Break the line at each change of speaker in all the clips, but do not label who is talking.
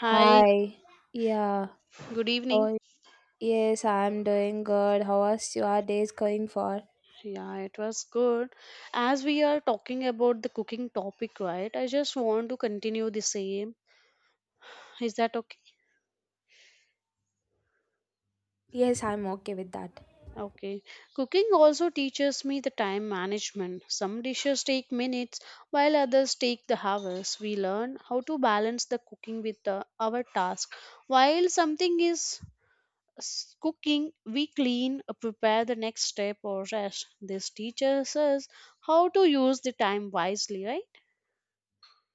Hi,
Hi. Yeah.
good evening.
Oh, yes, I'm doing good. How are your days going for?
Yeah, it was good. As we are talking about the cooking topic, right? I just want to continue the same. Is that okay?
Yes, I'm okay with that.
Okay. Cooking also teaches me the time management. Some dishes take minutes while others take the hours. We learn how to balance the cooking with the, our task. While something is cooking, we clean, prepare the next step or rest. This teaches us how to use the time wisely, right?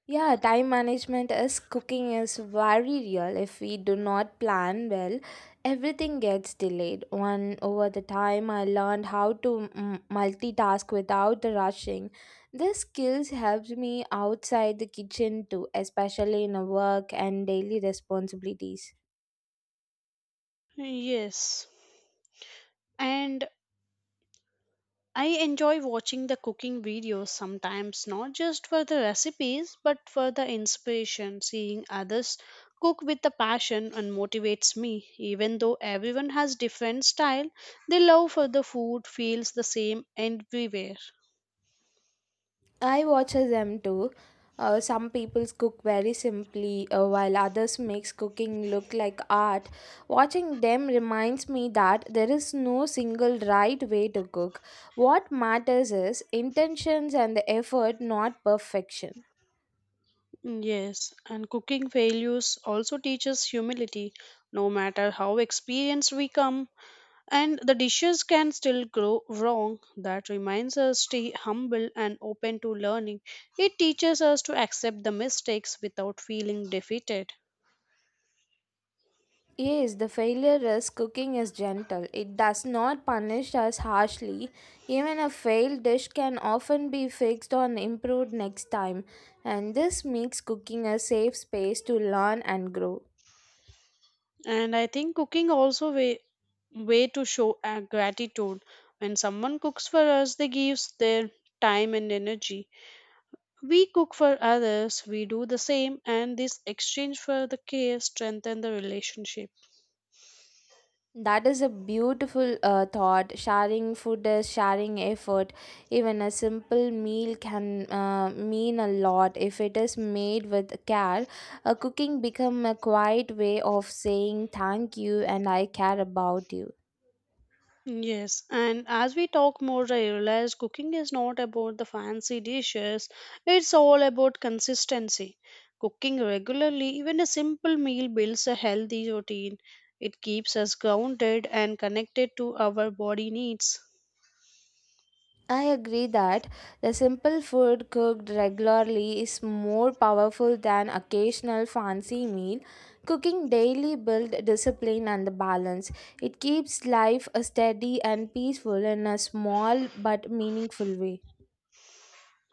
Yeah, time management is cooking is very real. If we do not plan well, everything gets delayed. One over the time, I learned how to multitask without rushing. This skills helps me outside the kitchen too, especially in a work and daily responsibilities.
Yes. And I enjoy watching the cooking videos sometimes, not just for the recipes, but for the inspiration. Seeing others cook with the passion and motivates me. Even though everyone has different style, the love for the food feels the same everywhere.
I watch them too. Some people cook very simply, while others makes cooking look like art. Watching them reminds me that there is no single right way to cook. What matters is intentions and the effort, not perfection.
Yes, and cooking failures also teaches humility. No matter how experienced we come, and the dishes can still go wrong. That reminds us stay humble and open to learning. It teaches us to accept the mistakes without feeling defeated.
Yes, the failure is cooking is gentle. It does not punish us harshly. Even a failed dish can often be fixed or improved next time, and this makes cooking a safe space to learn and grow.
And I think cooking also way to show our gratitude. When someone cooks for us, they gives their time and energy. We cook for others, we do the same, and this exchange for the care strengthen the relationship.
That is a beautiful thought. Sharing food is sharing effort. Even a simple meal can mean a lot if it is made with care. A cooking become a quiet way of saying thank you and I care about you.
Yes, and as we talk more, I realize cooking is not about the fancy dishes, it's all about consistency. Cooking regularly, even a simple meal, builds a healthy routine. It keeps us grounded and connected to our body needs.
I agree that the simple food cooked regularly is more powerful than occasional fancy meal. Cooking daily builds discipline and the balance. It keeps life steady and peaceful in a small but meaningful way.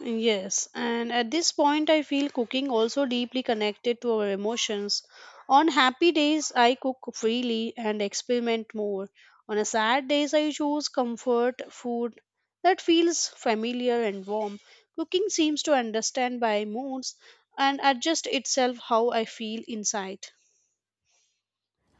Yes, and at this point, I feel cooking also deeply connected to our emotions. On happy days, I cook freely and experiment more. On a sad days, I choose comfort food that feels familiar and warm. Cooking seems to understand my moods and adjust itself how I feel inside.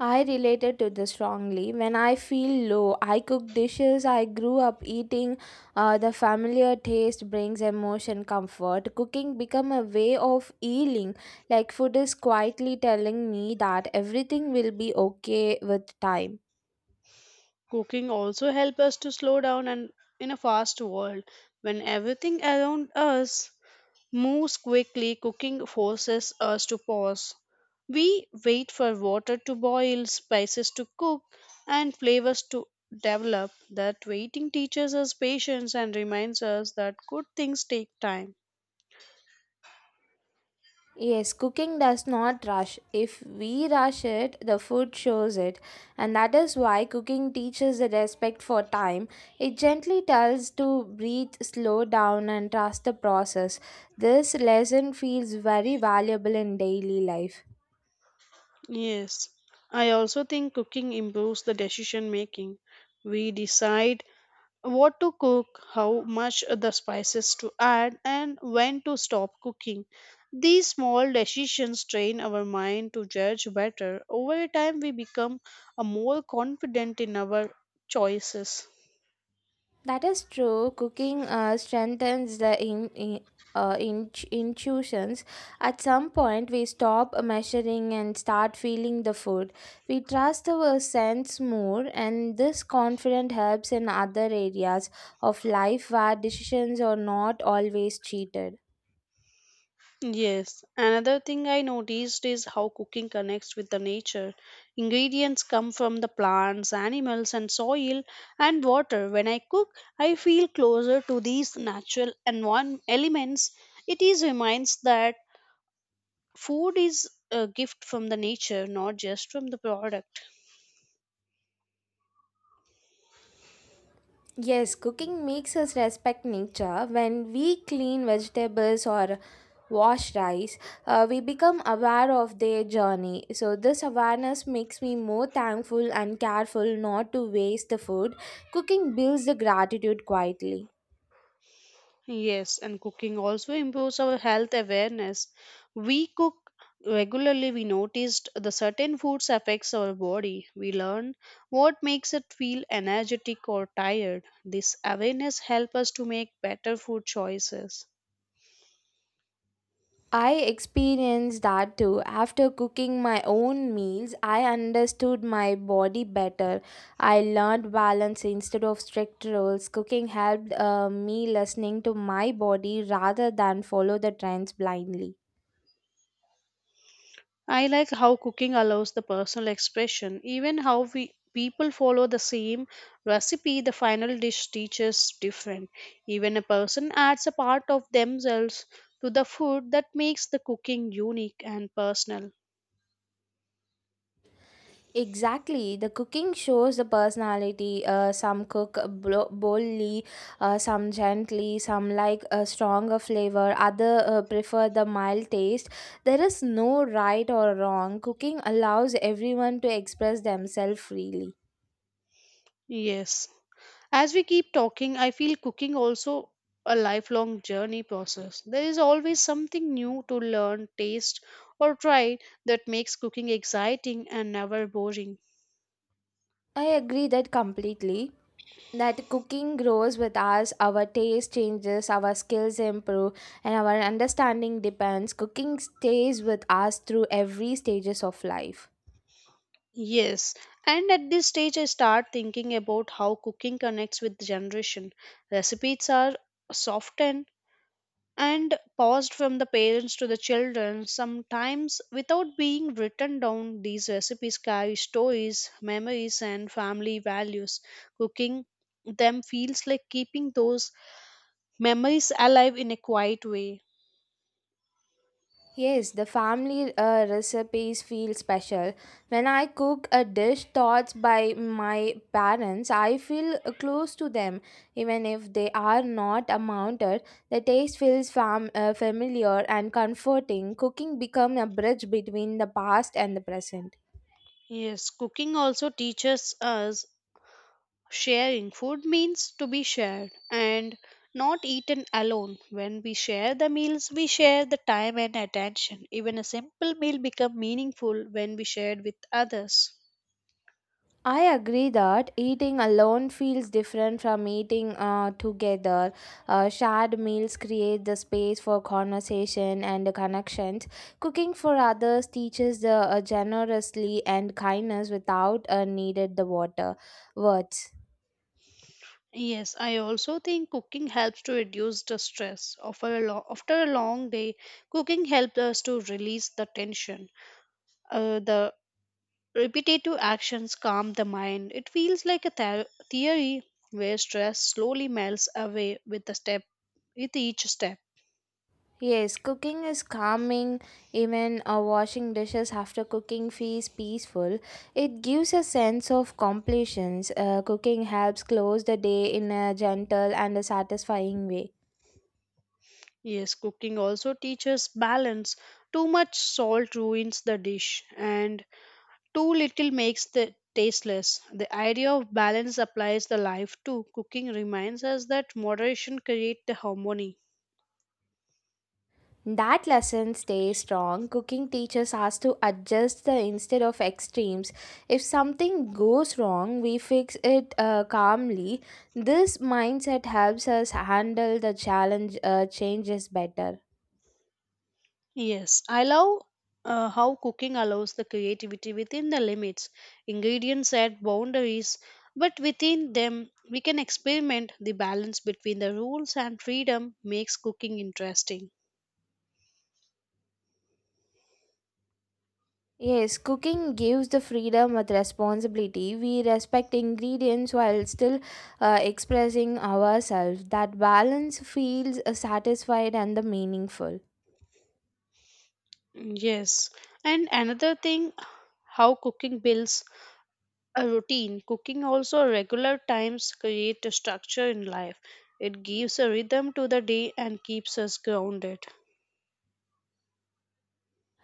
I related to this strongly. When I feel low, I cook dishes I grew up eating. The familiar taste brings emotion comfort. Cooking become a way of healing. Like food is quietly telling me that everything will be okay with time.
Cooking also helps us to slow down and in a fast world when everything around us moves quickly, cooking forces us to pause. We wait for water to boil, spices to cook, and flavors to develop. That waiting teaches us patience and reminds us that good things take time.
Yes, cooking does not rush. If we rush it, the food shows it. And that is why cooking teaches the respect for time. It gently tells to breathe, slow down, and trust the process. This lesson feels very valuable in daily life.
Yes, I also think cooking improves the decision making. We decide what to cook, how much the spices to add, and when to stop cooking. These small decisions train our mind to judge better. Over time, we become a more confident in our choices.
That is true. Cooking strengthens the intuitions. At some point, we stop measuring and start feeling the food. We trust our sense more, and this confidence helps in other areas of life where decisions are not always cheated.
Yes, another thing I noticed is how cooking connects with the nature. Ingredients come from the plants, animals, and soil and water. When I cook, I feel closer to these natural and one elements. It is reminds that food is a gift from the nature, not just from the product.
Yes, cooking makes us respect nature. When we clean vegetables or wash rice, we become aware of their journey. So, this awareness makes me more thankful and careful not to waste the food. Cooking builds the gratitude quietly.
Yes, and cooking also improves our health awareness. We cook regularly we noticed the certain foods affects our body we learn what makes it feel energetic or tired this awareness help us to make better food choices.
I experienced that too. After cooking my own meals, I understood my body better. I learned balance instead of strict rules. Cooking helped me listening to my body rather than follow the trends blindly.
I like how cooking allows the personal expression. Even how we people follow the same recipe, the final dish teaches different. Even a person adds a part of themselves to the food that makes the cooking unique and personal.
Exactly. The cooking shows the personality. Some cook boldly, some gently, some like a stronger flavor, other prefer the mild taste. There is no right or wrong. Cooking allows everyone to express themselves freely.
Yes. As we keep talking, I feel cooking also a lifelong journey process. There is always something new to learn, taste, or try that makes cooking exciting and never boring.
I agree that completely. That cooking grows with us, our taste changes, our skills improve, and our understanding depends. Cooking stays with us through every stages of life.
Yes, and at this stage, I start thinking about how cooking connects with generation. Recipes are softened and passed from the parents to the children, sometimes without being written down. These recipes carry stories, memories, and family values. Cooking them feels like keeping those memories alive in a quiet way.
Yes, the family recipes feel special. When I cook a dish taught by my parents, I feel close to them. Even if they are not amounted, the taste feels familiar and comforting. Cooking becomes a bridge between the past and the present.
Yes, cooking also teaches us sharing food means to be shared and not eaten alone. When we share the meals, we share the time and attention. Even a simple meal becomes meaningful when we share with others.
I agree that eating alone feels different from eating together. Shared meals create the space for conversation and connections. Cooking for others teaches the generously and kindness without needed the water words.
Yes, I also think cooking helps to reduce the stress. After a, after a long day, cooking helps us to release the tension. The repetitive actions calm the mind. It feels like a theory where stress slowly melts away with the step with each step.
Yes, cooking is calming. Even washing dishes after cooking feels peaceful. It gives a sense of completion. Cooking helps close the day in a gentle and a satisfying way.
Yes, cooking also teaches balance. Too much salt ruins the dish, and too little makes the tasteless. The idea of balance applies the life too. Cooking reminds us that moderation creates the harmony.
That lesson stays strong. Cooking teaches us to adjust the instead of extremes. If something goes wrong, we fix it calmly. This mindset helps us handle the challenge changes better.
Yes, I love how cooking allows the creativity within the limits. Ingredients set boundaries, but within them we can experiment. The balance between the rules and freedom makes cooking interesting.
Yes, cooking gives the freedom with responsibility. We respect ingredients while still expressing ourselves. That balance feels satisfied and the meaningful.
Yes, and another thing how cooking builds a routine. Cooking also regular times create a structure in life. It gives a rhythm to the day and keeps us grounded.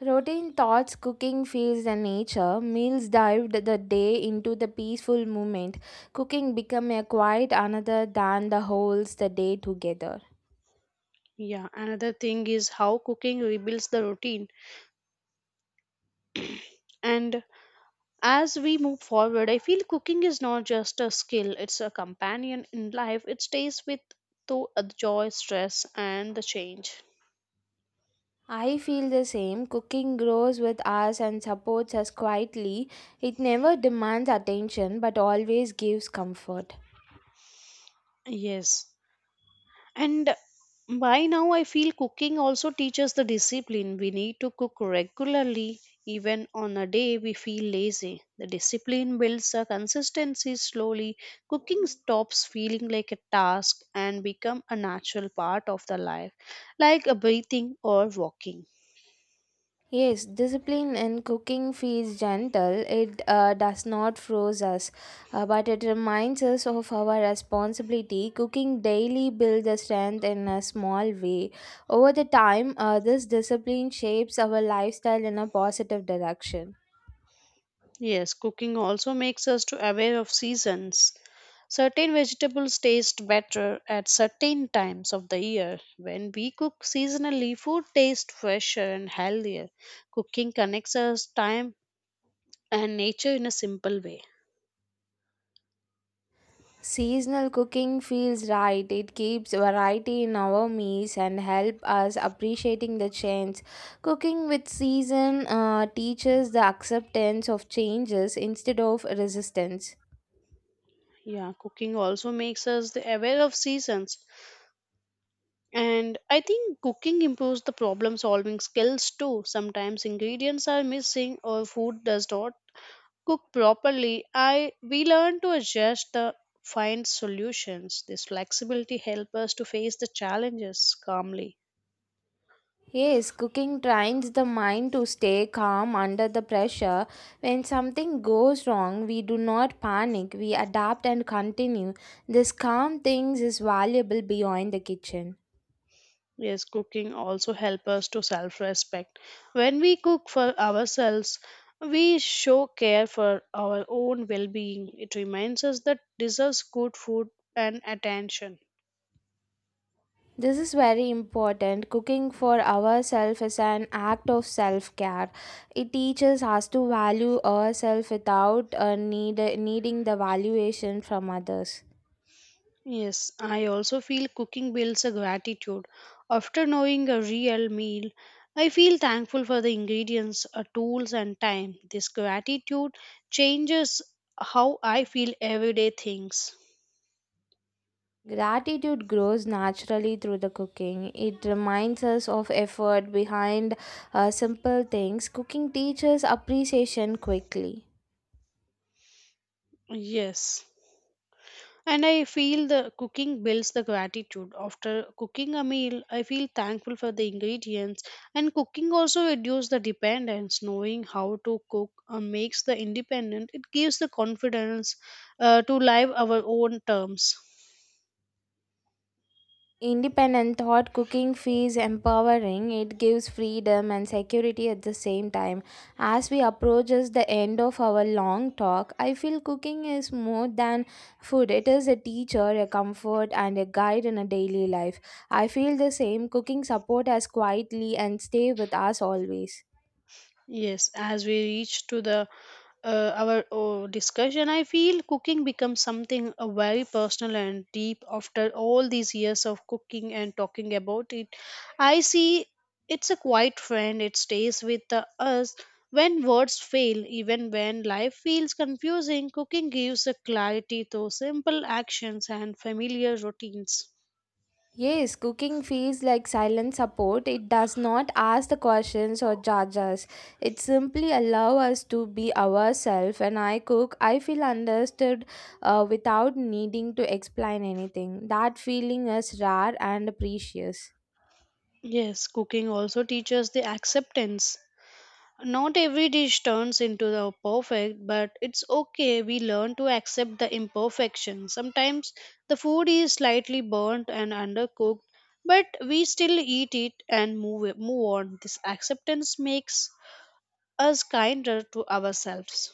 Routine thoughts, cooking feels the nature. Meals dived the day into the peaceful moment. Cooking became a quiet another than the holds the day together.
Yeah, another thing is how cooking rebuilds the routine. And as we move forward, I feel cooking is not just a skill, it's a companion in life. It stays with through the joy, stress, and the change.
I feel the same. Cooking grows with us and supports us quietly. It never demands attention but always gives comfort.
Yes, and by now, I feel cooking also teaches the discipline. We need to cook regularly, even on a day we feel lazy. The discipline builds a consistency slowly. Cooking stops feeling like a task and become a natural part of the life, like a breathing or walking.
Yes, discipline in cooking feels gentle. It does not freeze us, but it reminds us of our responsibility. Cooking daily builds the strength in a small way. Over the time, this discipline shapes our lifestyle in a positive direction.
Yes, cooking also makes us to aware of seasons. Certain vegetables taste better at certain times of the year. When we cook seasonally, food tastes fresher and healthier. Cooking connects us time and nature in a simple way.
Seasonal cooking feels right. It keeps variety in our meals and help us appreciating the change. Cooking with season teaches the acceptance of changes instead of resistance.
Yeah, cooking also makes us the aware of seasons. And I think cooking improves the problem solving skills too. Sometimes ingredients are missing or food does not cook properly, I we learn to adjust the find solutions. This flexibility helps us to face the challenges calmly.
Yes, cooking trains the mind to stay calm under the pressure. When something goes wrong, we do not panic. We adapt and continue. This calm things is valuable beyond the kitchen.
Yes, cooking also helps us to self-respect. When we cook for ourselves, we show care for our own well-being. It reminds us that deserves good food and attention.
This is very important. Cooking for ourselves is an act of self care. It teaches us to value ourselves without needing the valuation from others.
Yes, I also feel cooking builds a gratitude. After knowing a real meal, I feel thankful for the ingredients, tools, and time. This gratitude changes how I feel everyday things.
Gratitude grows naturally through the cooking. It reminds us of effort behind simple things. Cooking teaches appreciation quickly.
Yes. And I feel the cooking builds the gratitude. After cooking a meal, I feel thankful for the ingredients. And cooking also reduces the dependence. Knowing how to cook makes the independent. It gives the confidence to live our own terms.
Independent thought cooking feels empowering. It gives freedom and security at the same time. As we approaches the end of our long talk, I feel cooking is more than food. It is a teacher, a comfort, and a guide in a daily life. I feel the same. Cooking support us quietly and stay with us always.
Yes, as we reach to the our discussion, I feel cooking becomes something very personal and deep after all these years of cooking and talking about it. I see it's a quiet friend. It stays with us when words fail, even when life feels confusing. Cooking gives a clarity to simple actions and familiar routines.
Yes, cooking feels like silent support. It does not ask the questions or judge us. It simply allows us to be ourselves. When I cook, I feel understood without needing to explain anything. That feeling is rare and precious.
Yes, cooking also teaches the acceptance. Not every dish turns into the perfect, but it's okay. We learn to accept the imperfection. Sometimes the food is slightly burnt and undercooked, but we still eat it and move on. This acceptance makes us kinder to ourselves.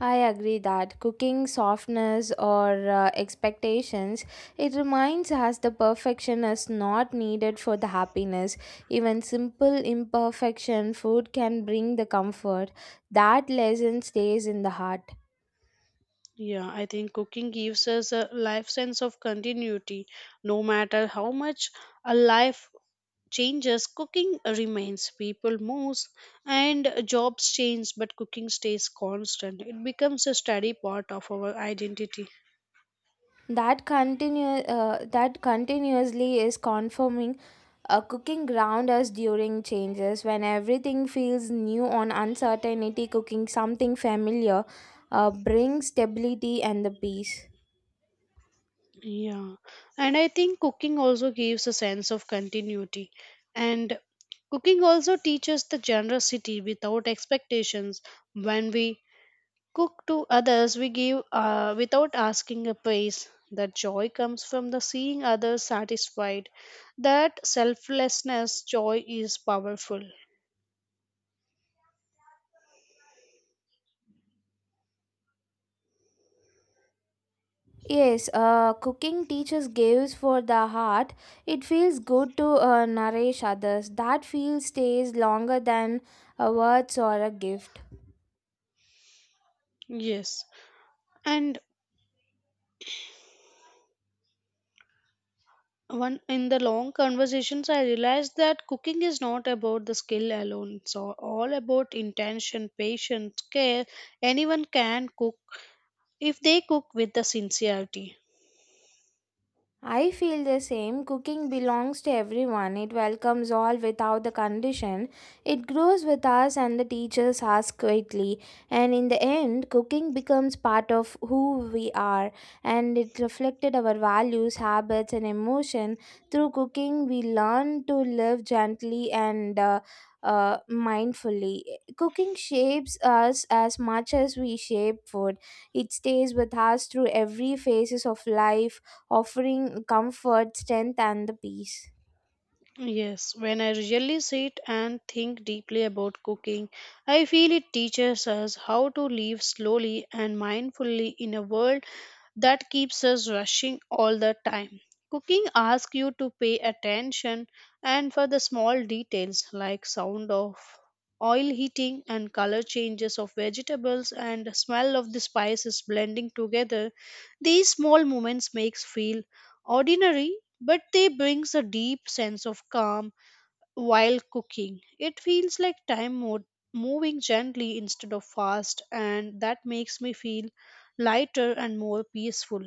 I agree that cooking softness or expectations. It reminds us the perfection is not needed for the happiness. Even simple imperfection food can bring the comfort. That lesson stays in the heart.
Yeah, I think cooking gives us a life sense of continuity. No matter how much a life changes, cooking remains. People moves and jobs change, but cooking stays constant. It becomes a steady part of our identity.
That continuously is confirming a cooking ground us during changes. When everything feels new on uncertainty cooking something familiar brings stability and the peace.
Yeah, and I think cooking also gives a sense of continuity. And cooking also teaches the generosity without expectations. When we cook to others, we give without asking a price. That joy comes from the seeing others satisfied. That selflessness joy is powerful.
Yes, cooking teaches gives for the heart. It feels good to nourish others. That feel stays longer than a words or a gift.
Yes. And one in the long conversations, I realized that cooking is not about the skill alone. It's all about intention, patience, care. Anyone can cook if they cook with the sincerity.
I feel the same. Cooking belongs to everyone. It welcomes all without the condition. It grows with us and the teachers us quietly. And in the end, cooking becomes part of who we are. And it reflected our values, habits, and emotion. Through cooking, we learn to live gently and mindfully. Cooking shapes us as much as we shape food. It stays with us through every phases of life offering comfort, strength, and the peace.
Yes, when I really sit and think deeply about cooking, I feel it teaches us how to live slowly and mindfully in a world that keeps us rushing all the time. Cooking asks you to pay attention and for the small details like sound of oil heating and color changes of vegetables and the smell of the spices blending together. These small moments makes feel ordinary, but they brings a deep sense of calm while cooking. It feels like time moving gently instead of fast, and that makes me feel lighter and more peaceful.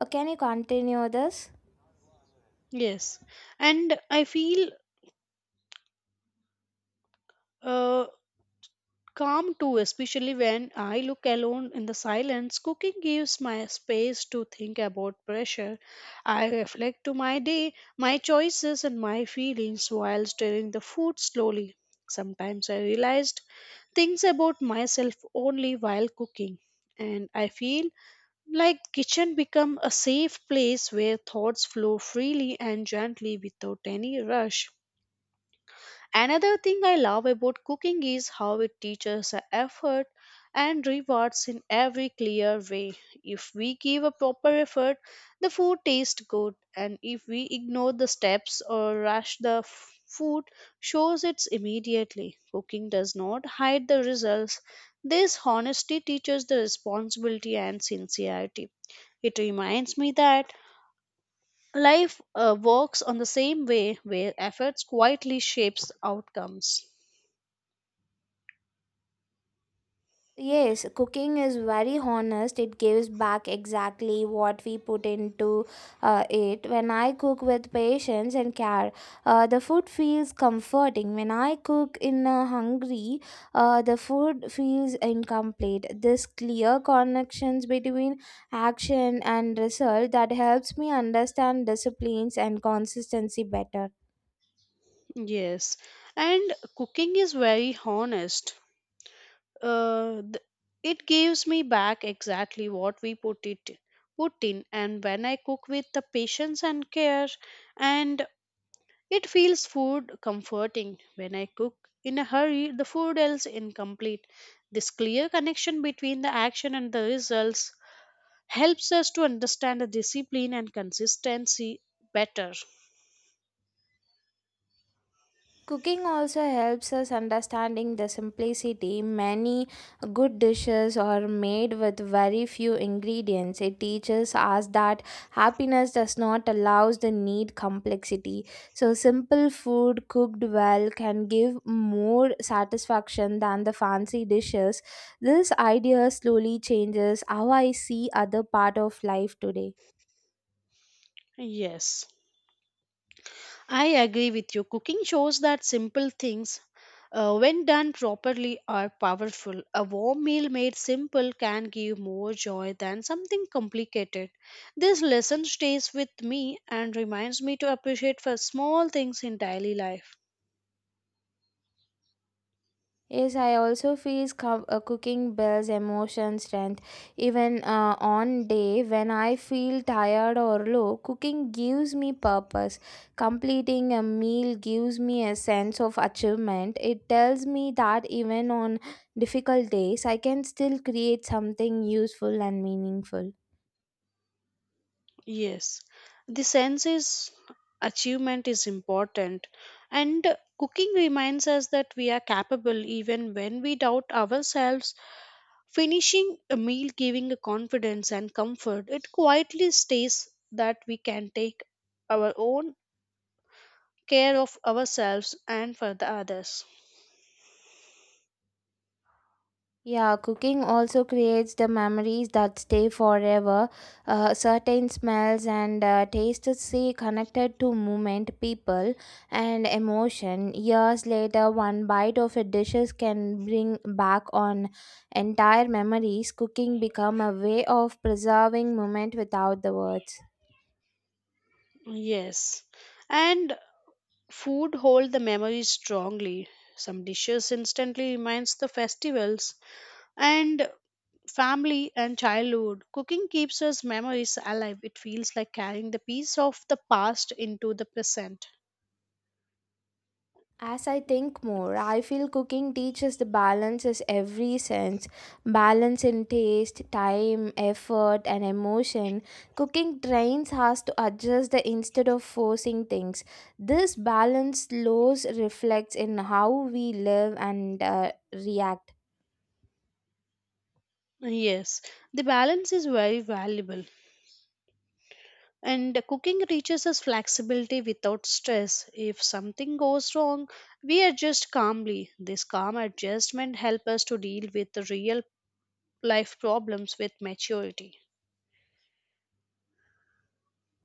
Can you continue this?
Yes, and I feel. Uh, Calm too, especially when I look alone in the silence. Cooking gives my space to think about pressure. I reflect to my day, my choices, and my feelings while stirring the food slowly. Sometimes I realized things about myself only while cooking, and I feel like kitchen become a safe place where thoughts flow freely and gently without any rush. Another thing I love about cooking is how it teaches a effort and rewards in every clear way. If we give a proper effort, the food tastes good, and if we ignore the steps or rush the food, shows it immediately. Cooking does not hide the results. This honesty teaches the responsibility and sincerity. It reminds me that life works on the same way where efforts quietly shapes outcomes.
Yes, cooking is very honest. It gives back exactly what we put into it. When I cook with patience and care, the food feels comforting. When I cook in a hungry, the food feels incomplete. This clear connections between action and result that helps me understand disciplines and consistency better.
Yes, and cooking is very honest. Uh, th- it gives me back exactly what we put it put in, and when I cook with the patience and care, and it feels food comforting. When I cook in a hurry, the food else incomplete. This clear connection between the action and the results helps us to understand the discipline and consistency better.
Cooking also helps us understanding the simplicity. Many good dishes are made with very few ingredients. It teaches us that happiness does not allows the need complexity. So simple food cooked well can give more satisfaction than the fancy dishes. This idea slowly changes how I see other part of life today.
Yes. I agree with you. Cooking shows that simple things, when done properly, are powerful. A warm meal made simple can give more joy than something complicated. This lesson stays with me and reminds me to appreciate for small things in daily life.
Yes, I also feel cooking builds emotion strength. Even on day when I feel tired or low, cooking gives me purpose. Completing a meal gives me a sense of achievement. It tells me that even on difficult days, I can still create something useful and meaningful.
Yes, the sense is achievement is important, and cooking reminds us that we are capable even when we doubt ourselves. Finishing a meal, giving a confidence and comfort, it quietly states that we can take our own care of ourselves and for the others.
Yeah, cooking also creates the memories that stay forever. Certain smells and tastes stay connected to movement, people, and emotion. Years later, one bite of a dishes can bring back on entire memories. Cooking become a way of preserving moment without the words.
Yes, and food hold the memories strongly. Some dishes instantly reminds the festivals, and family and childhood cooking keeps us memories alive. It feels like carrying the piece of the past into the present.
As I think more, I feel cooking teaches the balance in every sense, balance in taste, time, effort, and emotion. Cooking trains us to adjust the instead of forcing things. This balance slows reflects in how we live and react.
Yes, the balance is very valuable, and cooking teaches us flexibility without stress. If something goes wrong, we adjust calmly. This calm adjustment helps us to deal with the real life problems with maturity.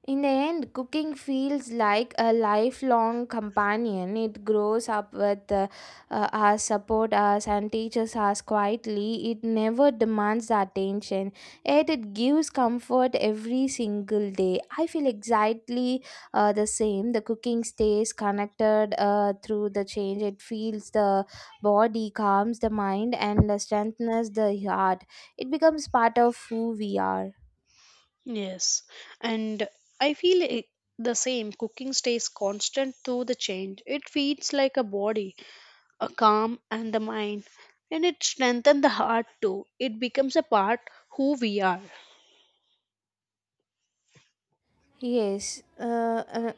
In the end, cooking feels like a lifelong companion. It grows up with us, supports us, and teaches us quietly. It never demands the attention, yet it gives comfort every single day. I feel exactly the same. The cooking stays connected through the change. It feels the body, calms the mind, and strengthens the heart. It becomes part of who we are.
Yes, and I feel the same. Cooking stays constant through the change. It feeds like a body, a calm and the mind, and it strengthens the heart too. It becomes a part who we are.
Yes, uh, uh,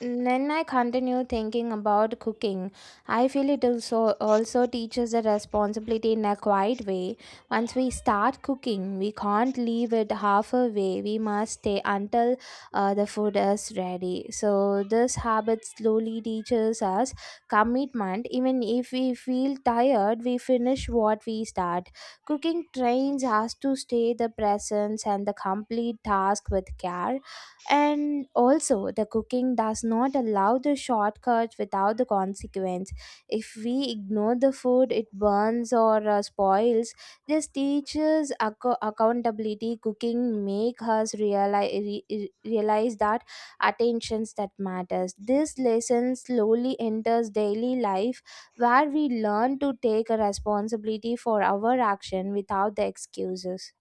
Then I continue thinking about cooking. I feel it also teaches the responsibility in a quiet way. Once we start cooking, we can't leave it half away. We must stay until the food is ready. So this habit slowly teaches us commitment. Even if we feel tired, we finish what we start. Cooking trains us to stay the presence and the complete task with care and also, the cooking does not allow the shortcuts without the consequence. If we ignore the food, it burns or spoils. This teaches accountability. Cooking make us realize realize that attentions that matters. This lesson slowly enters daily life, where we learn to take a responsibility for our action without the excuses.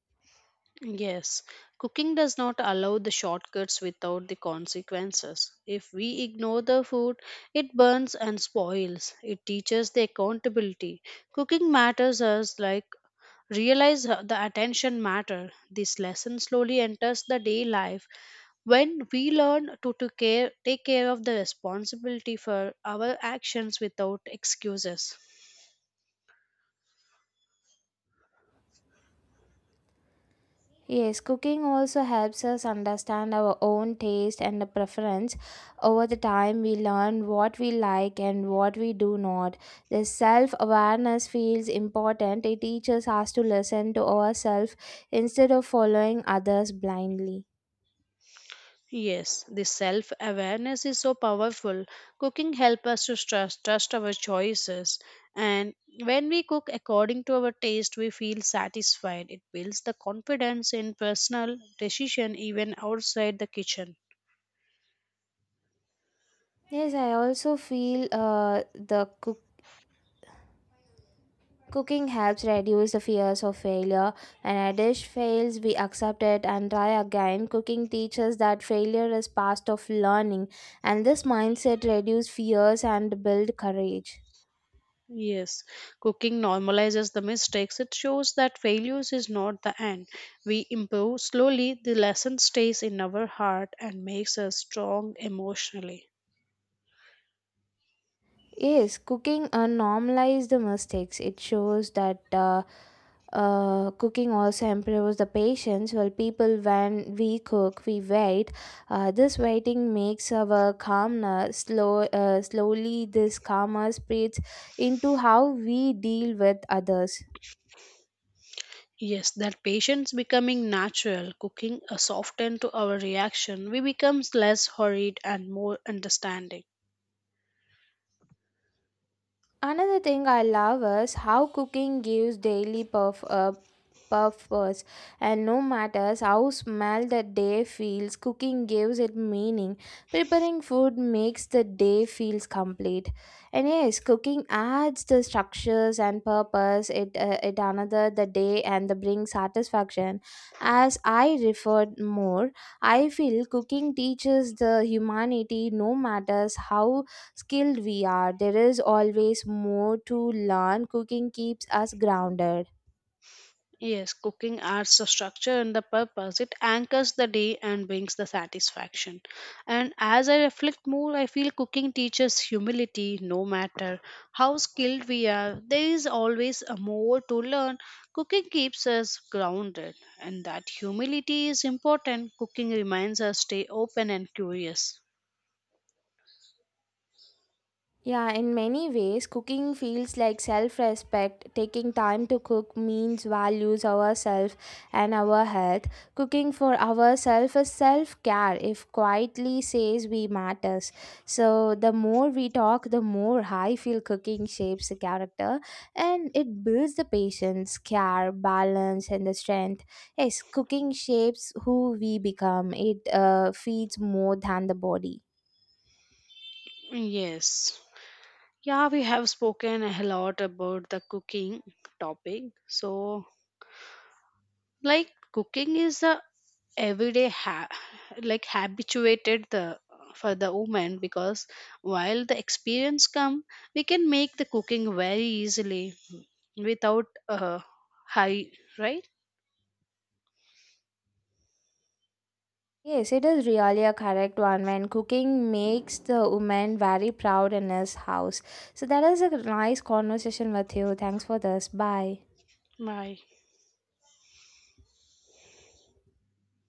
Yes, cooking does not allow the shortcuts without the consequences. If we ignore the food, it burns and spoils. It teaches the accountability. Cooking matters us like realize the attention matter. This lesson slowly enters the day life when we learn to, care, take care of the responsibility for our actions without excuses.
Yes, cooking also helps us understand our own taste and the preference. Over the time, we learn what we like and what we do not. This self awareness feels important. It teaches us to listen to ourselves instead of following others blindly.
Yes, the self awareness is so powerful. Cooking helps us to trust our choices, and when we cook according to our taste, we feel satisfied. It builds the confidence in personal decision, even outside the kitchen.
Yes, I also feel the cook Cooking helps reduce the fears of failure. When a dish fails, we accept it and try again. Cooking teaches that failure is part of learning, and this mindset reduces fears and build courage.
Yes, cooking normalizes the mistakes. It shows that failures is not the end. We improve slowly, the lesson stays in our heart and makes us strong emotionally.
Yes, cooking normalizes the mistakes. It shows that cooking also improves the patience. Well, people, when we cook, we wait. This waiting makes our calmness slow. Slowly, this calmness spreads into how we deal with others.
Yes, that patience becoming natural, cooking a soften to our reaction, we becomes less hurried and more understanding.
Another thing I love is how cooking gives daily puff purpose, and no matter how small the day feels, cooking gives it meaning. Preparing food makes the day feels complete, and yes, cooking adds the structures and purpose. It another the day and the brings satisfaction. As I referred more, I feel cooking teaches the humanity no matters how skilled we are. There is always more to learn. Cooking keeps us grounded.
Yes, cooking adds the structure and the purpose. It anchors the day and brings the satisfaction. And as I reflect more, I feel cooking teaches humility no matter how skilled we are. There is always a more to learn. Cooking keeps us grounded, and that humility is important. Cooking reminds us stay open and curious.
Yeah, in many ways, cooking feels like self respect. Taking time to cook means values ourselves and our health. Cooking for ourselves is self care, if quietly says we matters. So, the more we talk, the more I feel cooking shapes the character and it builds the patience, care, balance, and the strength. Yes, cooking shapes who we become, it feeds more than the body.
Yes. Yeah, we have spoken a lot about the cooking topic. So, like cooking is a everyday like habituated the for the woman because while the experience come we can make the cooking very easily without high, right?
Yes, it is really a correct one. When cooking makes the woman very proud in his house. So that is a nice conversation with you. Thanks for this. Bye.
My